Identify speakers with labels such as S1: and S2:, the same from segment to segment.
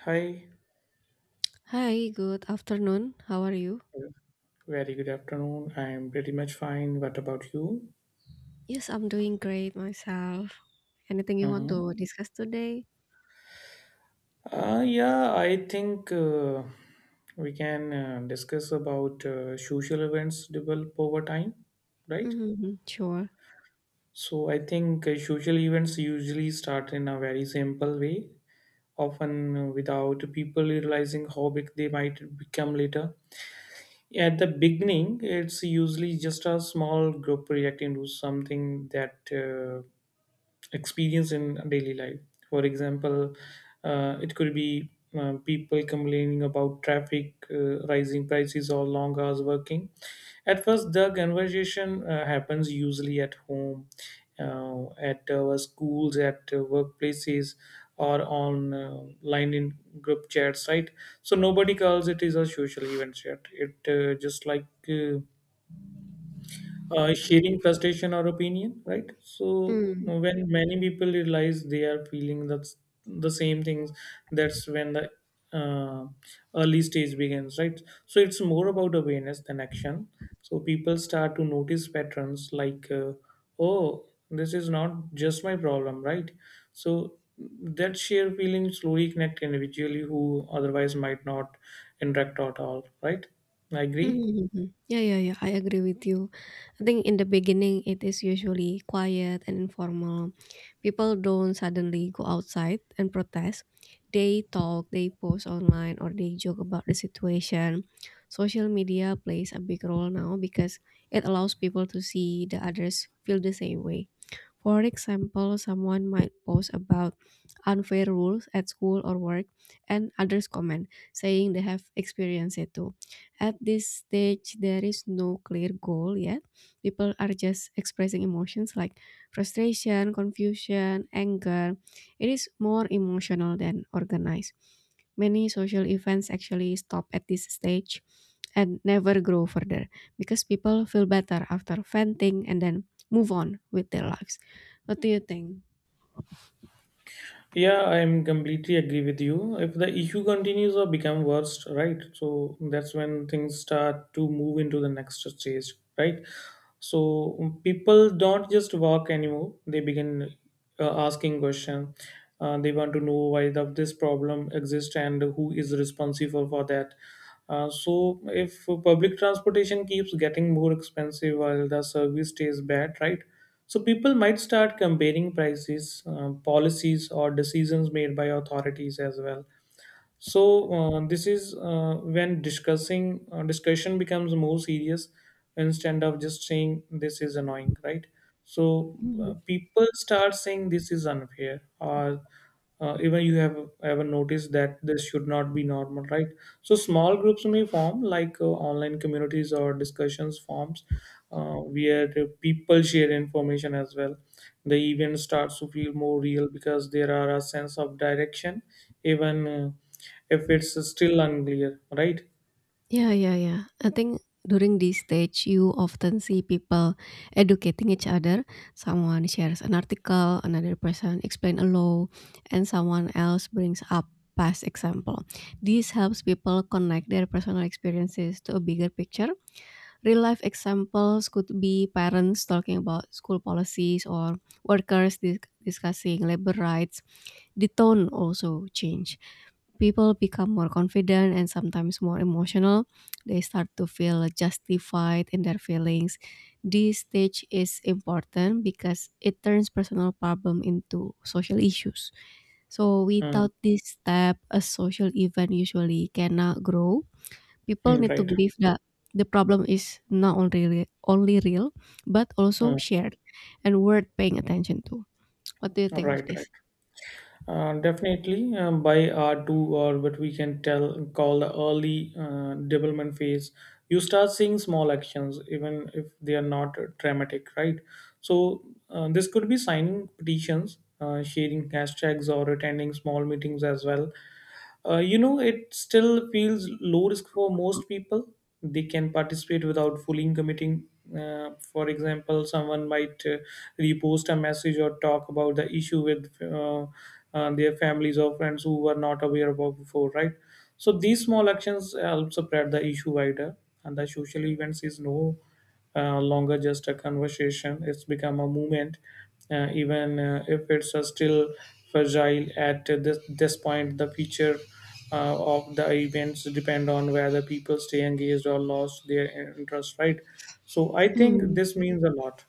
S1: Hi,
S2: Hi, good afternoon. How are you?
S1: very good afternoon. I'm pretty much fine. What about you?
S2: Yes, I'm doing great myself. Anything you want
S1: Mm-hmm.
S2: to discuss today?
S1: Yeah, I think we can discuss about social events develop over time, right?
S2: Hmm, sure.
S1: So I think social events usually start in a very simple way, often without people realizing how big they might become later. At the beginning, it's usually just a small group reacting to something that experience in daily life. For example, it could be people complaining about traffic, rising prices, or long hours working. At first, the conversation happens usually at home, at our schools, at workplaces, or on line in group chats, right? So nobody calls it is a social event yet. It just like sharing frustration or opinion, right? So
S2: Mm.
S1: when many people realize they are feeling that's the same things, that's when the uh, early stage begins, right? So it's more about awareness than action. So people start to notice patterns like, oh, this is not just my problem, right? So that shared feeling slowly connect individually who otherwise might not interact at all, right? I agree.
S2: Mhm. Yeah, yeah, yeah. I agree with you. I think in the beginning, it is usually quiet and informal. People don't suddenly go outside and protest. They talk, they post online, or they joke about the situation. Social media plays a big role now because it allows people to see the others feel the same way. For example, someone might post about unfair rules at school or work, and others comment, saying they have experienced it too. At this stage, there is no clear goal yet. People are just expressing emotions like frustration, confusion, anger. It is more emotional than organized. Many social events actually stop at this stage and never grow further because people feel better after venting and then move on with their lives. What do you think?
S1: Yeah, I'm completely agree with you. If the issue continues or become worse, right? So that's when things start to move into the next stage, right? So people don't just walk anymore. They begin asking question. They want to know why this problem exists and who is responsible for that. So if public transportation keeps getting more expensive while the service stays bad, right? So people might start comparing prices, policies, or decisions made by authorities as well. So this is when discussing discussion becomes more serious instead of just saying this is annoying, right? So
S2: Mhm.
S1: people start saying this is unfair, or even you have ever noticed that this should not be normal, right? So small groups may form like online communities or discussions forms where the people share information as well. The event starts to feel more real because there are a sense of direction, even if it's still unclear, right?
S2: Yeah, yeah, yeah. I think during this stage, you often see people educating each other. Someone shares an article, another person explain a law, and someone else brings up past example. This helps people connect their personal experiences to a bigger picture. Real life examples could be parents talking about school policies or workers discussing labor rights. The tone also change. People become more confident and sometimes more emotional. They start to feel justified in their feelings. This stage is important because it turns personal problem into social issues. So
S1: Mm,
S2: without this step, a social event usually cannot grow. People need to
S1: right.
S2: believe that the problem is not only real, but also
S1: Mm,
S2: shared and worth paying attention to. What do you think of
S1: right. Right.
S2: this?
S1: Definitely, by R2, or what we can tell call the early development phase, you start seeing small actions, even if they are not dramatic, right? So this could be signing petitions, sharing hashtags, or attending small meetings as well. You know, it still feels low risk for most people. They can participate without fully committing. For example, someone might repost a message or talk about the issue with their families or friends who were not aware about before, right? So these small actions help spread the issue wider, and the social events is no longer just a conversation. It's become a movement, even if it's still fragile at this point. The future of the events depend on whether people stay engaged or lost their interest. Right. So I think
S2: Hmm.
S1: this means a lot.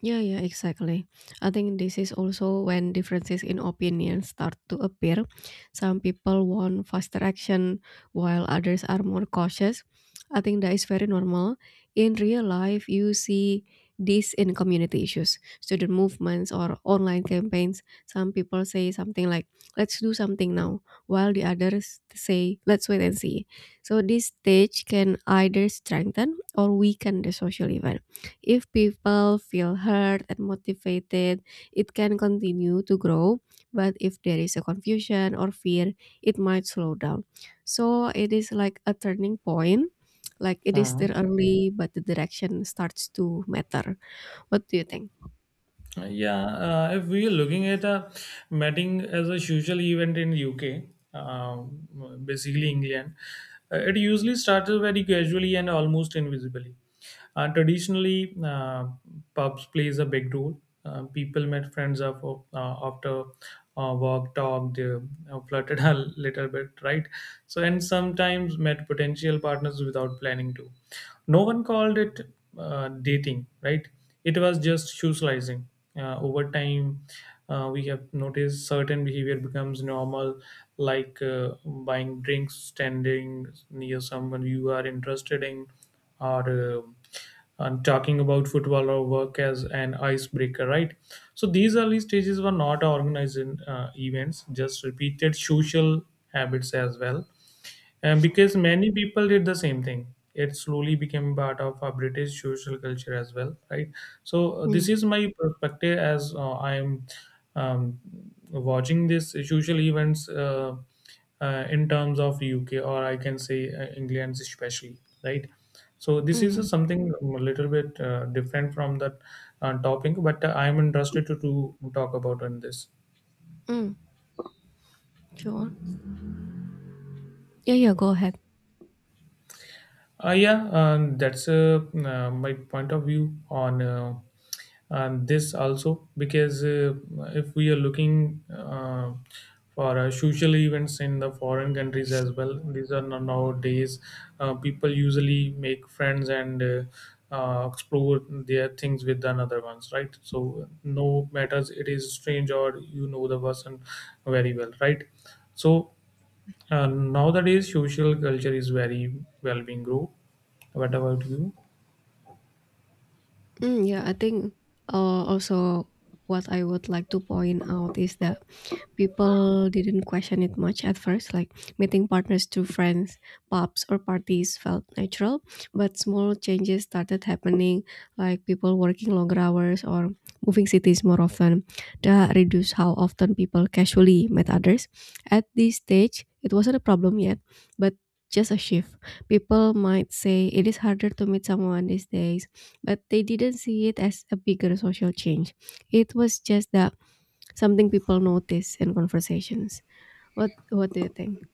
S2: Yeah, yeah, exactly. I think this is also when differences in opinion start to appear. Some people want faster action while others are more cautious. I think that is very normal. In real life, you see this in community issues, student movements, or online campaigns. Some people say something like, let's do something now, while the others say, let's wait and see. So, this stage can either strengthen or weaken the social event. If people feel heard and motivated, it can continue to grow. But if there is a confusion or fear, it might slow down. So it is like a turning point. Like it is still early, but the direction starts to matter. What do you think?
S1: Yeah, if we are looking at a matting as a social event in UK, uh, basically England, it usually starts very casually and almost invisibly. Traditionally, pubs plays a big role. People met friends of, after work, talked, they flirted a little bit, right? So, and sometimes met potential partners without planning to. No one called it dating, right? It was just shoe slicing. Over time we have noticed certain behavior becomes normal, like buying drinks, standing near someone you are interested in, or and talking about football or work as an icebreaker, right? So these early stages were not organized in events, just repeated social habits as well, and because many people did the same thing, it slowly became part of our British social culture as well, right? So this
S2: Mm,
S1: is my perspective as I'm um, watching this social events in terms of UK, or I can say England especially, right? So this is
S2: mm,
S1: something a little bit different from that topic, but I'm interested to talk about on this.
S2: mm, sure. Yeah, yeah, go ahead.
S1: Yeah, that's my point of view on this also because if we are looking for social events in the foreign countries as well, these are nowadays people usually make friends and explore their things with another ones, right? So no matters it is strange or you know the person very well, right? So nowadays, social culture is very well being group. What about you?
S2: Mm, yeah, I think also what I would like to point out is that people didn't question it much at first. Like meeting partners through friends, pubs, or parties felt natural, but small changes started happening, like people working longer hours or moving cities more often. That reduced how often people casually met others. At this stage, it wasn't a problem yet, but just a shift. People might say it is harder to meet someone these days, but they didn't see it as a bigger social change. It was just that. Something people notice in conversations. What do you think?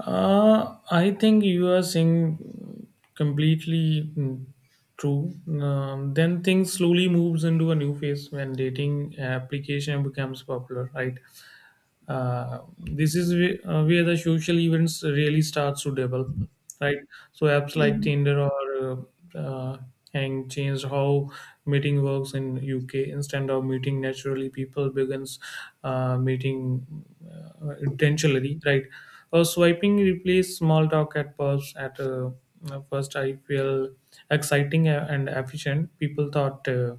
S1: I think you are saying completely true. Then things slowly moves into a new phase when dating application becomes popular, right? This is where the social events really starts to develop, right? So apps like
S2: Mhm.
S1: Tinder or uh, uh, Hang changed how meeting works in UK. Instead of meeting naturally, people begins meeting intentionally, right? Or swiping replaced small talk at pubs. At first I feel exciting and efficient. People thought uh,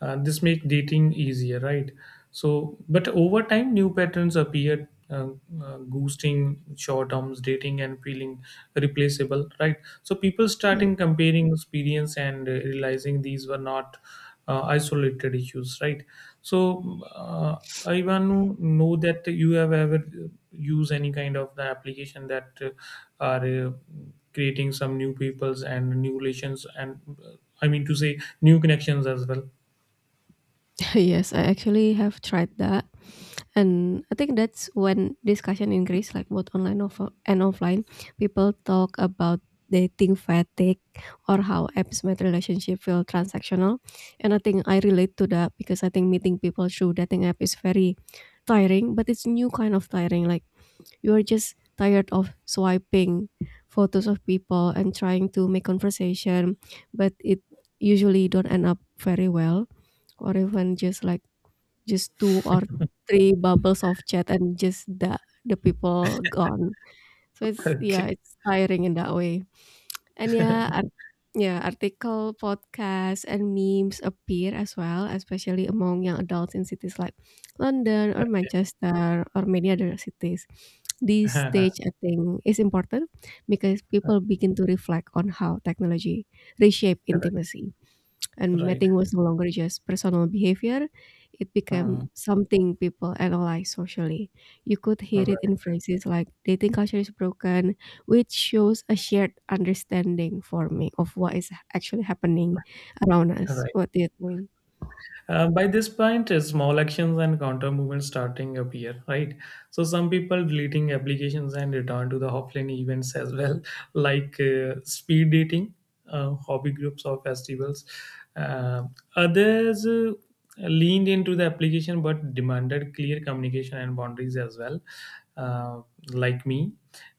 S1: uh, this make dating easier, right? So but over time new patterns appear, ghosting, short terms dating, and feeling replaceable, right? So people starting comparing experience and realizing these were not isolated issues, right? So I want to know that you have ever used any kind of the application that are creating some new peoples and new relations, and I mean to say new connections as well.
S2: Yes, I actually have tried that, and I think that's when discussion increased, like both online and offline. People talk about dating fatigue or how apps made relationship feel transactional, and I think I relate to that because I think meeting people through dating app is very tiring, but it's new kind of tiring, like you are just tired of swiping photos of people and trying to make conversation, but it usually don't end up very well, or even just like just two or three bubbles of chat and just the people gone. So it's yeah,
S1: Okay.
S2: it's tiring in that way. And yeah, yeah, article, podcasts, and memes appear as well, especially among young adults in cities like London or
S1: Okay.
S2: Manchester or many other cities. This stage, I think, is important because people begin to reflect on how technology reshape intimacy. And
S1: Right.
S2: mating was no longer just personal behavior, it became
S1: Mm.
S2: something people analyze socially. You could hear it
S1: Right.
S2: in phrases like dating culture is broken, which shows a shared understanding for me of what is actually happening around us.
S1: Right.
S2: What do you think?
S1: By this point, small actions and counter movements starting appear, right? So some people deleting applications and return to the offline events as well, like speed dating, hobby groups, or festivals. Uh, Others leaned into the application but demanded clear communication and boundaries as well, uh, like me.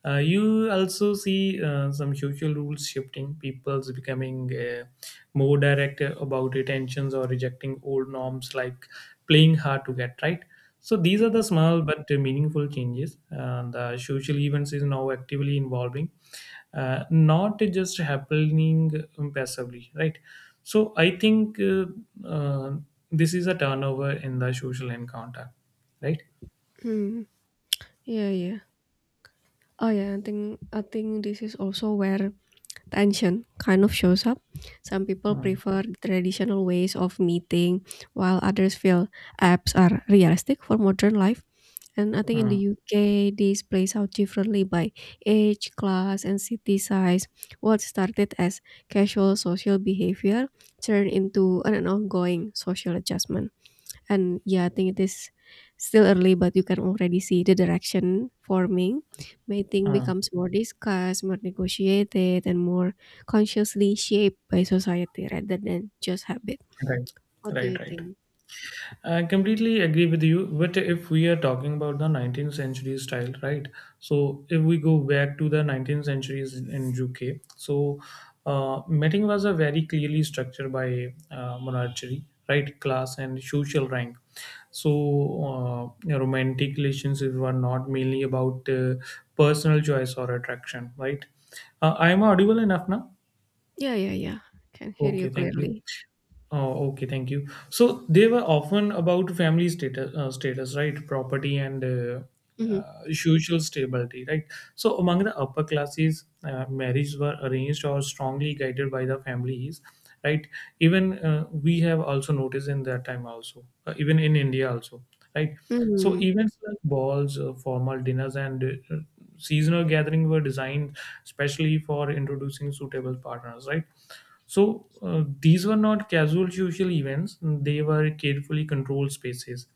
S1: You also see some social rules shifting, people's becoming. More direct about retentions or rejecting old norms like playing hard to get, right? So these are the small but meaningful changes, and the social events is now actively involving, not just happening passively, right? So I think uh, this is a turnover in the social encounter, right?
S2: Hmm. Yeah, yeah. Oh yeah, I think this is also where tension kind of shows up. Some people
S1: Mm,
S2: prefer traditional ways of meeting, while others feel apps are realistic for modern life. And I think in the
S1: mm,
S2: UK, this plays out differently by age, class, and city size. What started as casual social behavior turned into an ongoing social adjustment. And yeah, I think it is still early, but you can already see the direction forming. Mating
S1: mm.
S2: becomes more discussed, more negotiated, and more consciously shaped by society rather than just habit.
S1: Right.
S2: What do you
S1: right right
S2: think?
S1: I completely agree with you. But if we are talking about the 19th century style, right? So if we go back to the 19th centuries in UK, so meeting was a very clearly structured by monarchy, right? Class and social rank. So romantic relationships were not mainly about personal choice or attraction, right? I am audible enough now.
S2: Yeah, yeah, yeah. Can hear you
S1: Okay, thank you.
S2: clearly.
S1: Oh, okay, thank you. So they were often about family status, status, right? Property and
S2: Mm-hmm.
S1: social stability, right? So among the upper classes, marriages were arranged or strongly guided by the families, right? Even we have also noticed in that time also, even in India also, right? So events like balls, formal dinners, and seasonal gatherings were designed specially for introducing suitable partners, right? So these were not casual social events, they were carefully controlled spaces,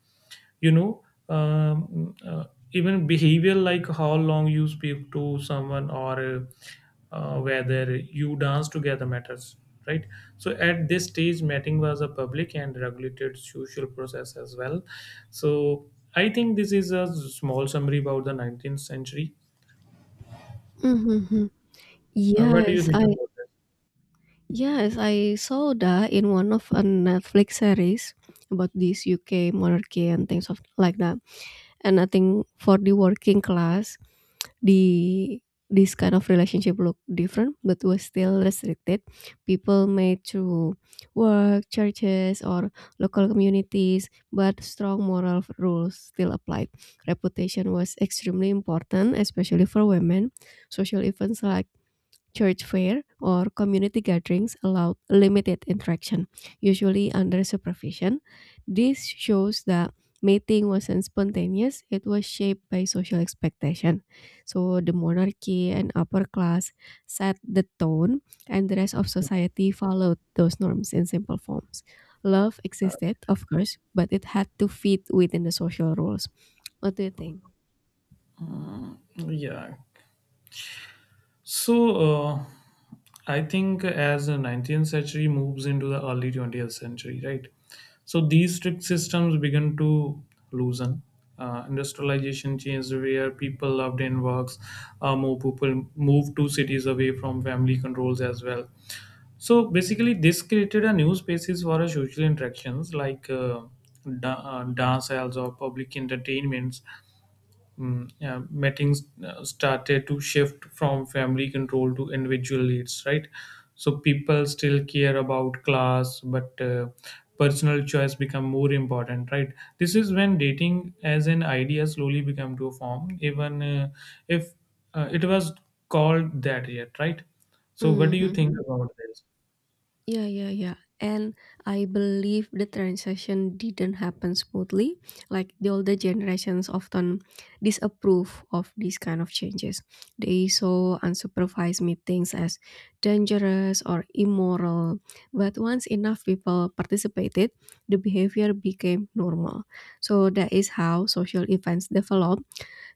S1: you know. um, uh, Even behavior like how long you speak to someone, or whether you dance together matters, right? So at this stage meeting was a public and regulated social process as well. So I think this is a small summary about the 19th century.
S2: Mm-hmm.
S1: What do you
S2: Yes,
S1: think
S2: I
S1: about this?
S2: yes, I saw that in one of a Netflix series about this UK monarchy and things of like that. And I think for the working class, the this kind of relationship looked different but was still restricted. People made through work, churches or local communities, but strong moral rules still applied. Reputation was extremely important, especially for women. Social events like church fair or community gatherings allowed limited interaction, usually under supervision. This shows that mating wasn't spontaneous, it was shaped by social expectation. So the monarchy and upper class set the tone, and the rest of society followed those norms in simple forms. Love existed, of course, but it had to fit within the social rules. What do you think?
S1: Mm. Yeah. So, uh, I think as the 19th century moves into the early 20th century, right? So, these strict systems begin to loosen. Industrialization changed where people loved in works. More people moved to cities away from family controls as well. So basically, this created a new spaces for a social interactions like dance halls or public entertainments. Yeah, meetings started to shift from family control to individual leads, right? So people still care about class, but personal choice become more important, right? This is when dating as an idea slowly become to a form, even if it was called that yet, right? So what do you think
S2: Mhm.
S1: about this?
S2: Yeah, yeah, yeah. And I believe the transition didn't happen smoothly. Like the older generations often disapprove of these kind of changes. They saw unsupervised meetings as dangerous or immoral. But once enough people participated, the behavior became normal. So that is how social events develop.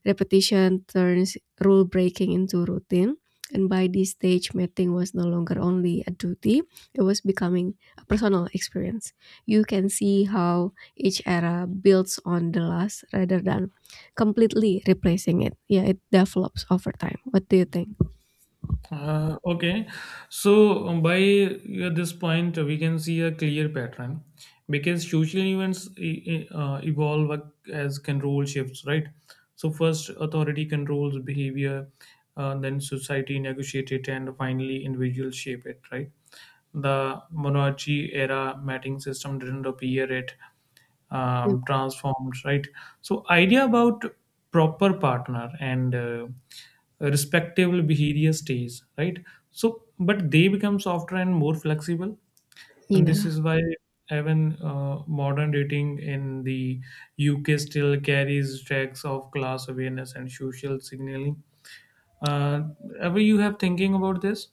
S2: Repetition turns rule breaking into routine, and by this stage, mating was no longer only a duty, it was becoming a personal experience. You can see how each era builds on the last rather than completely replacing it. Yeah, it develops over time. What do you think?
S1: Okay, so by this point, we can see a clear pattern because social events evolve as control shifts, right? So, first, authority controls behavior, then, society negotiate it, and finally, individuals shape it, right? The monarchy era mating system didn't appear at
S2: Mm,
S1: transformed, right? So idea about proper partner and respectable behavior stays, right? So but they become softer and more flexible, and this
S2: yeah.
S1: is why even modern dating in the UK still carries tracks of class awareness and social signaling. uh, Ever you have thinking about this?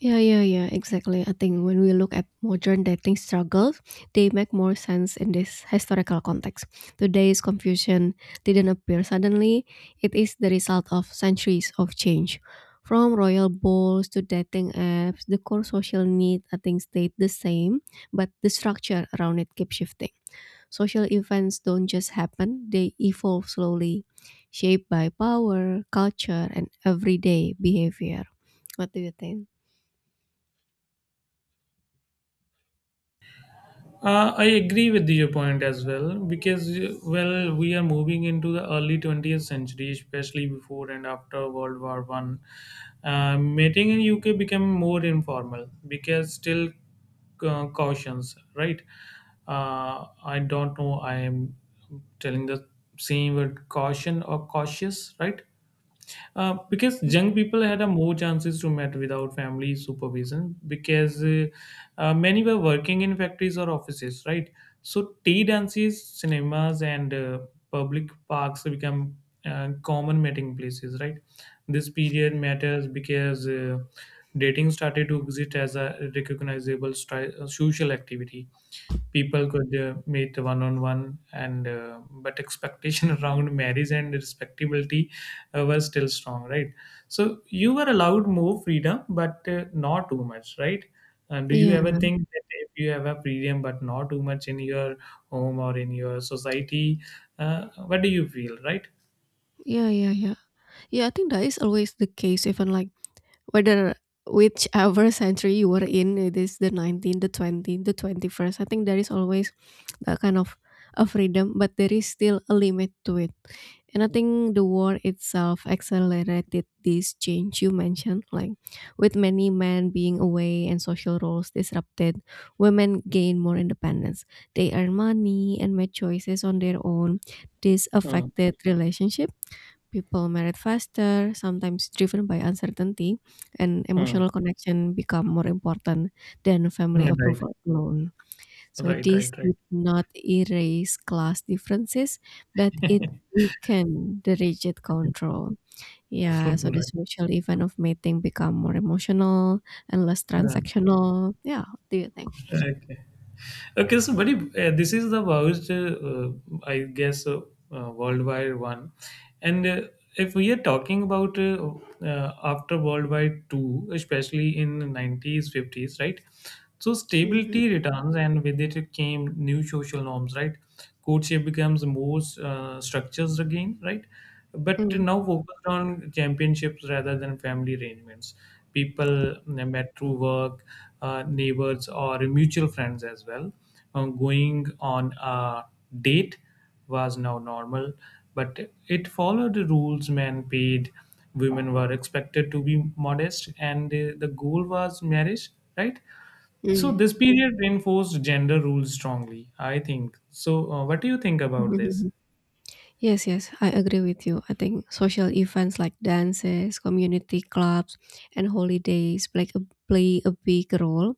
S2: Yeah, yeah, yeah, exactly. I think when we look at modern dating struggles, they make more sense in this historical context. Today's confusion didn't appear suddenly, it is the result of centuries of change. From royal balls to dating apps, the core social need, I think, stayed the same, but the structure around it keeps shifting. Social events don't just happen, they evolve slowly, shaped by power, culture, and everyday behavior. What do you think?
S1: I agree with your point as well because, well, we are moving into the early 20th century, especially before and after World War I. Mating in UK became more informal because still cautions, right? I don't know. I am telling the same word, caution or cautious, right? Because
S2: Hmm?
S1: young people had a more chances to meet without family supervision because many were working in factories or offices, right? So tea dances, cinemas, and public parks become common meeting places, right? This period matters because dating started to exist as a recognizable social activity. People could meet one on one and but expectation around marriage and respectability was still strong, right? So you were allowed more freedom but not too much, right? And do you
S2: Yeah,
S1: ever think that if you have a freedom but not too much in your home or in your society, what do you feel, right?
S2: yeah, yeah, yeah. Yeah, I think that is always the case, even like whether whichever century you were in, it is the 19th, the 20th, the 21st. I think there is always that kind of a freedom, but there is still a limit to it. And I think the war itself accelerated this change you mentioned, like with many men being away and social roles disrupted, women gained more independence. They earn money and make choices on their own. This
S1: Hmm.
S2: affected relationships. People married faster, sometimes driven by uncertainty, and
S1: Hmm.
S2: emotional connection become more important than family
S1: Yeah, right.
S2: approval alone. So
S1: Right, right,
S2: this
S1: right.
S2: did not erase class differences, but it weakened the rigid control. Yeah, so the
S1: Right.
S2: social event of mating become more emotional and less
S1: Uh,
S2: transactional. Yeah, what do you think?
S1: okay. Okay, so buddy, this is the most, I guess, worldwide one. And if we are talking about after World War II, especially in the 90s, 50s, right? So stability
S2: Mhm.
S1: returns, and with it came new social norms, right? Courtship becomes more structures again, right? But
S2: Mm.
S1: now focused on championships rather than family arrangements. People met through work, neighbors, or mutual friends as well. Going on a date was now normal, but it followed the rules: men paid, women were expected to be modest, and the goal was marriage, right? So
S2: Mm.
S1: this period reinforced gender roles strongly, I think. So what do you think about this?
S2: Yes, yes, I agree with you. I think social events like dances, community clubs, and holidays play a, play a big role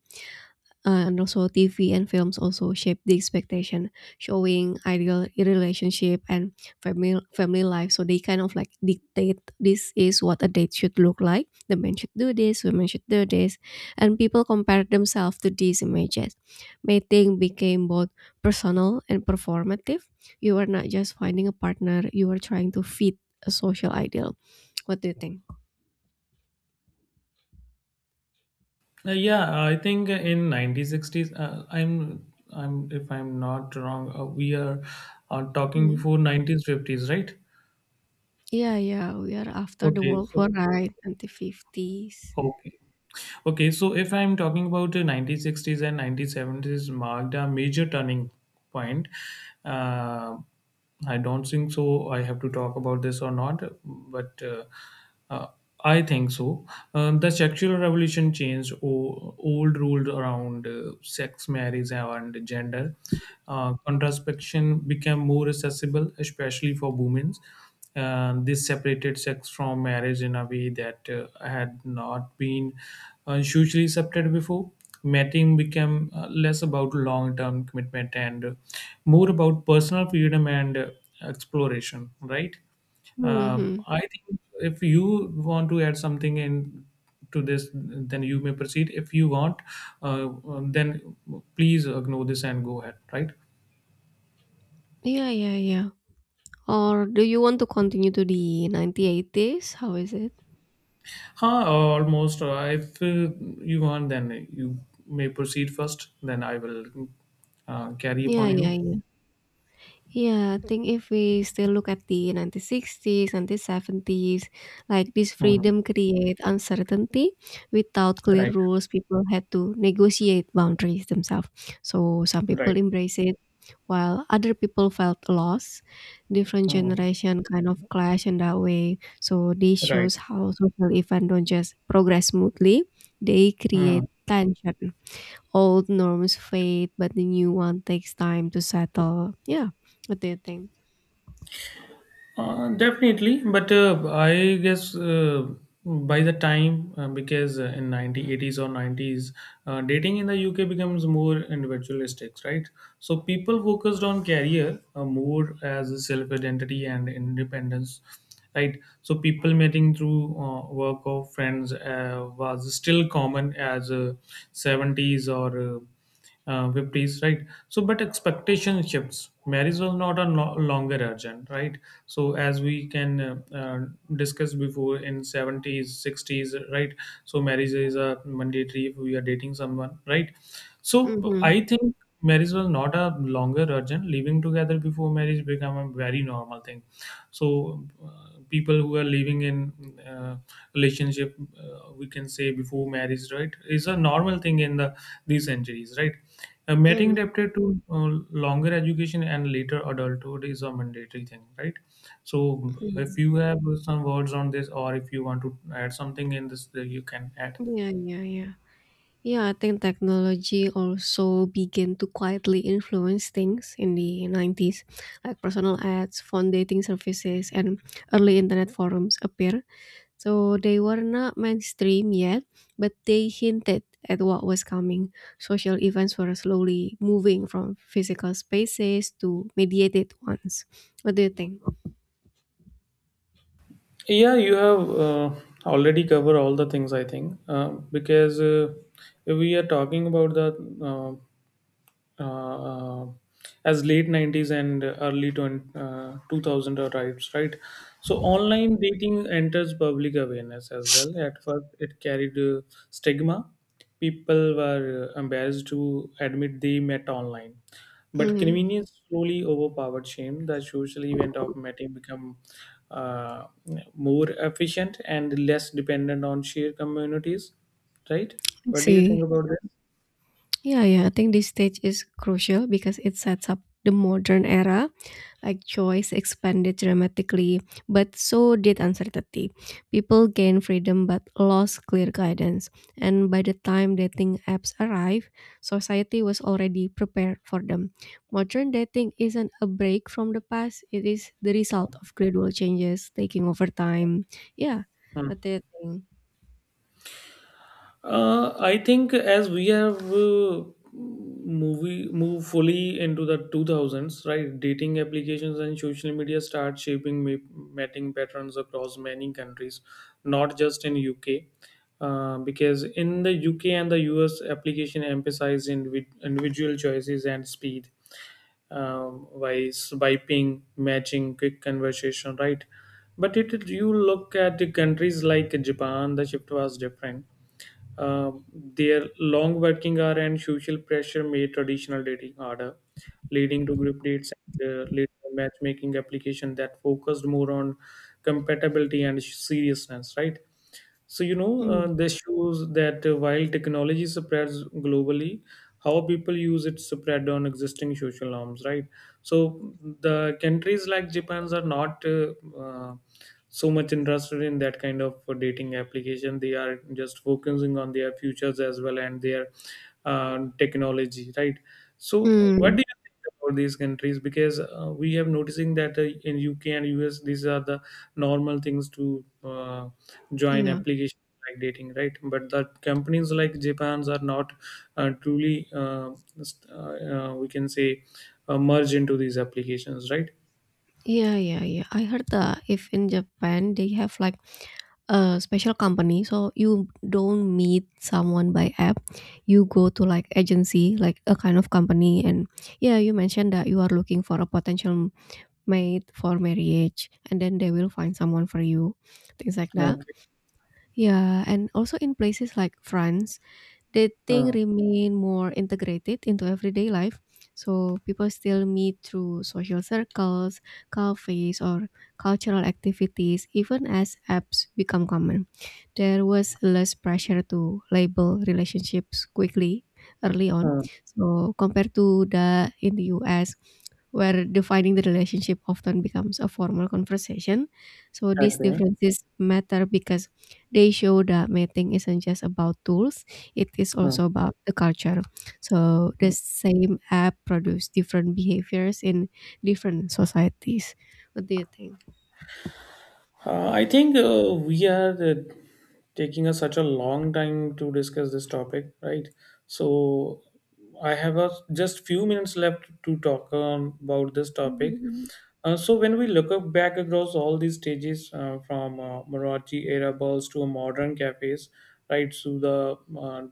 S2: and also TV and films also shape the expectation, showing ideal relationship and family life. So they kind of like dictate this is what a date should look like. The men should do this, women should do this, and people compare themselves to these images. Mating became both personal and performative. You are not just finding a partner; you are trying to fit a social ideal. What do you think?
S1: Yeah, I think in 1960s, I'm, if I'm not wrong, we are talking
S2: Hmm.
S1: before 1950s, right?
S2: Yeah, yeah, we are after the
S1: Okay,
S2: World War,
S1: so
S2: right? Anti fifties.
S1: okay, Okay, so if I'm talking about the 1960s and 1970s marked a major turning point. Uh, I don't think so. I have to talk about this or not, but uh, I think so. The sexual revolution changed old rules around sex, marriage, and gender. Contraception became more accessible, especially for women. This separated sex from marriage in a way that had not been hugely accepted before. Mating became less about long term commitment and more about personal freedom and exploration, right? Uh,
S2: Hmm.
S1: I think if you want to add something in to this, then you may proceed. If you want, uh, then please ignore this and go ahead, right?
S2: Yeah, yeah, yeah. Or do you want to continue to the 1980s? How is it?
S1: Huh, almost. If you want, then you may proceed first. Then I will carry
S2: Yeah,
S1: upon
S2: yeah,
S1: you.
S2: yeah. Yeah, I think if we still look at the 1960s, 1970s, like this
S1: Mm.
S2: freedom create uncertainty. Without clear
S1: Right,
S2: rules, people had to negotiate boundaries themselves. So some
S1: right.
S2: people embrace it, while other people felt lost. Different
S1: Mm.
S2: generation kind of clash in that way. So this
S1: Right.
S2: shows how social event don't just progress smoothly; they
S1: Mm.
S2: create tension. Old norms fade, but the new one takes time to settle. Yeah, what do you think?
S1: Definitely, but I guess by the time, because in 1980s or 90s, dating in the UK becomes more individualistic, right? So people focused on career more as a self-identity and independence, right? So people meeting through work or friends was still common as 70s or 50s, right? So but expectation shifts, marriage was not a no- longer urgent, right? So as we can discuss before in 70s, 60s, right? So marriage is a mandatory if we are dating someone, right? So
S2: Mm-hmm.
S1: I think marriage was not a longer urgent, living together before marriage become a very normal thing. So people who are living in relationship, we can say before marriage, right, is a normal thing in the these centuries, right. Mating adapted to longer education and later adulthood is a mandatory thing, right? So if
S2: Mm-hmm.
S1: you have some words on this or if you want to add something in this, you can add.
S2: Yeah, yeah, yeah. Yeah, I think technology also began to quietly influence things in the 90s, like personal ads, phone dating services, and early internet forums appear. So they were not mainstream yet, but they hinted at what was coming. Social events were slowly moving from physical spaces to mediated ones. What do you think?
S1: Yeah, you have already covered all the things, I think, because we are talking about the uh, uh, uh, as late 90s and early 20, 2000 arrives, right? So online dating enters public awareness as well. At first it carried stigma. People were embarrassed to admit they met online, but
S2: Mm,
S1: convenience slowly overpowered shame. The social event of meeting become uh, more efficient and less dependent on shared communities, right?
S2: I
S1: What do you think
S2: see.
S1: about this?
S2: Yeah, yeah, I think this stage is crucial because it sets up the modern era like choice expanded dramatically, but so did uncertainty. People gained freedom but lost clear guidance. And by the time dating apps arrived, society was already prepared for them. Modern dating isn't a break from the past, it is the result of gradual changes taking over time. Yeah, what do you think?
S1: I think as we have movie move fully into the 2000s, right? Dating applications and social media start shaping mating patterns across many countries, not just in UK. Because in the UK and the US, application emphasize individual choices and speed. By swiping, matching, quick conversation, right? But it, you look at the countries like Japan, the shift was different. Their long working hour and social pressure made traditional dating harder, leading to group dates and later matchmaking application that focused more on compatibility and seriousness, right? So,
S2: Mm.
S1: this shows that while technology spreads globally, how people use it spread on existing social norms, right? So the countries like Japan's are not so much interested in that kind of dating application. They are just focusing on their futures as well and their technology, right? So what
S2: Mm,
S1: do you think about these countries? Because we have noticing that in UK and US these are the normal things to join
S2: yeah.
S1: applications like dating, right? But the companies like Japan's are not truly we can say merge into these applications, right?
S2: Yeah, yeah, yeah. I heard that if in Japan they have like a special company, so you don't meet someone by app. You go to like agency, like a kind of company, and yeah, you mentioned that you are looking for a potential mate for marriage, and then they will find someone for you, things like that.
S1: Okay.
S2: Yeah, and also in places like France, dating
S1: Uh,
S2: remain more integrated into everyday life, so people still meet through social circles, cafes, or cultural activities, even as apps become common. There was less pressure to label relationships quickly early on,
S1: uh,
S2: so compared to the in the US, where defining the relationship often becomes a formal conversation. So these
S1: okay.
S2: differences matter because they show that mating isn't just about tools, it is also about the culture. So the same app produce different behaviors in different societies. What do you think?
S1: I think we are taking us such a long time to discuss this topic, right? So I have just few minutes left to talk about this topic.
S2: Mhm.
S1: So when we look up back across all these stages, from Marathi era balls to modern cafes, right, to the uh,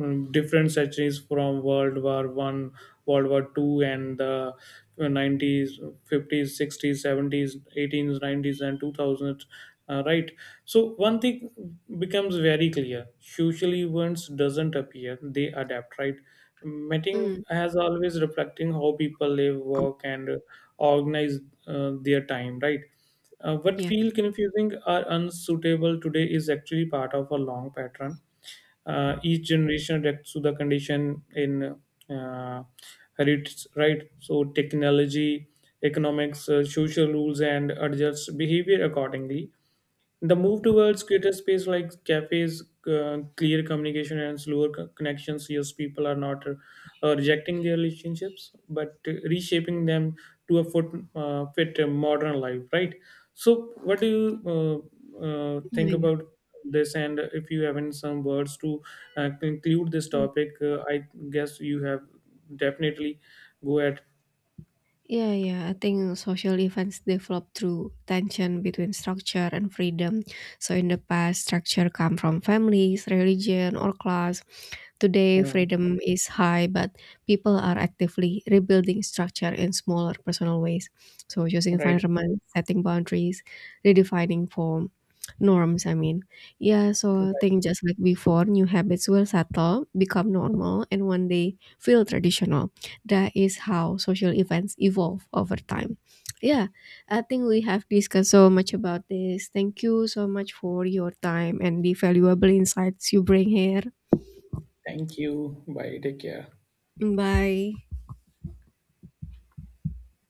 S1: um, different centuries from World War I, World War II, and the 90s, 50s, 60s, 70s, eighteens, 90s, and 2000s. Right. So one thing becomes very clear: social events doesn't appear; they adapt. Right. Meeting
S2: Mm,
S1: has always reflecting how people live, work, and organize their time. Right. What
S2: yeah,
S1: feel confusing or unsuitable today is actually part of a long pattern. Each generation adapts to the condition in uh, herits, right? So technology, economics, social rules, and adjusts behavior accordingly. The move towards greater space like cafes, clear communication, and slower connections, yes, people are not rejecting their relationships, but reshaping them to fit a modern life, right? So what do you think
S2: yeah,
S1: about this? And if you have any some words to conclude this
S2: yeah.
S1: topic, I guess you have definitely go at.
S2: Yeah, yeah. I think social events develop through tension between structure and freedom. So in the past, structure come from families, religion, or class. Today,
S1: uh,
S2: freedom is high, but people are actively rebuilding structure in smaller personal ways. So using
S1: right.
S2: environment, setting boundaries, redefining form, norms. I mean, yeah. So I
S1: Right.
S2: think just like before, new habits will settle, become normal, and one day feel traditional. That is how social events evolve over time. Yeah, I think we have discussed so much about this. Thank you so much for your time and the valuable insights you bring here.
S1: Thank you. Bye. Take care.
S2: Bye.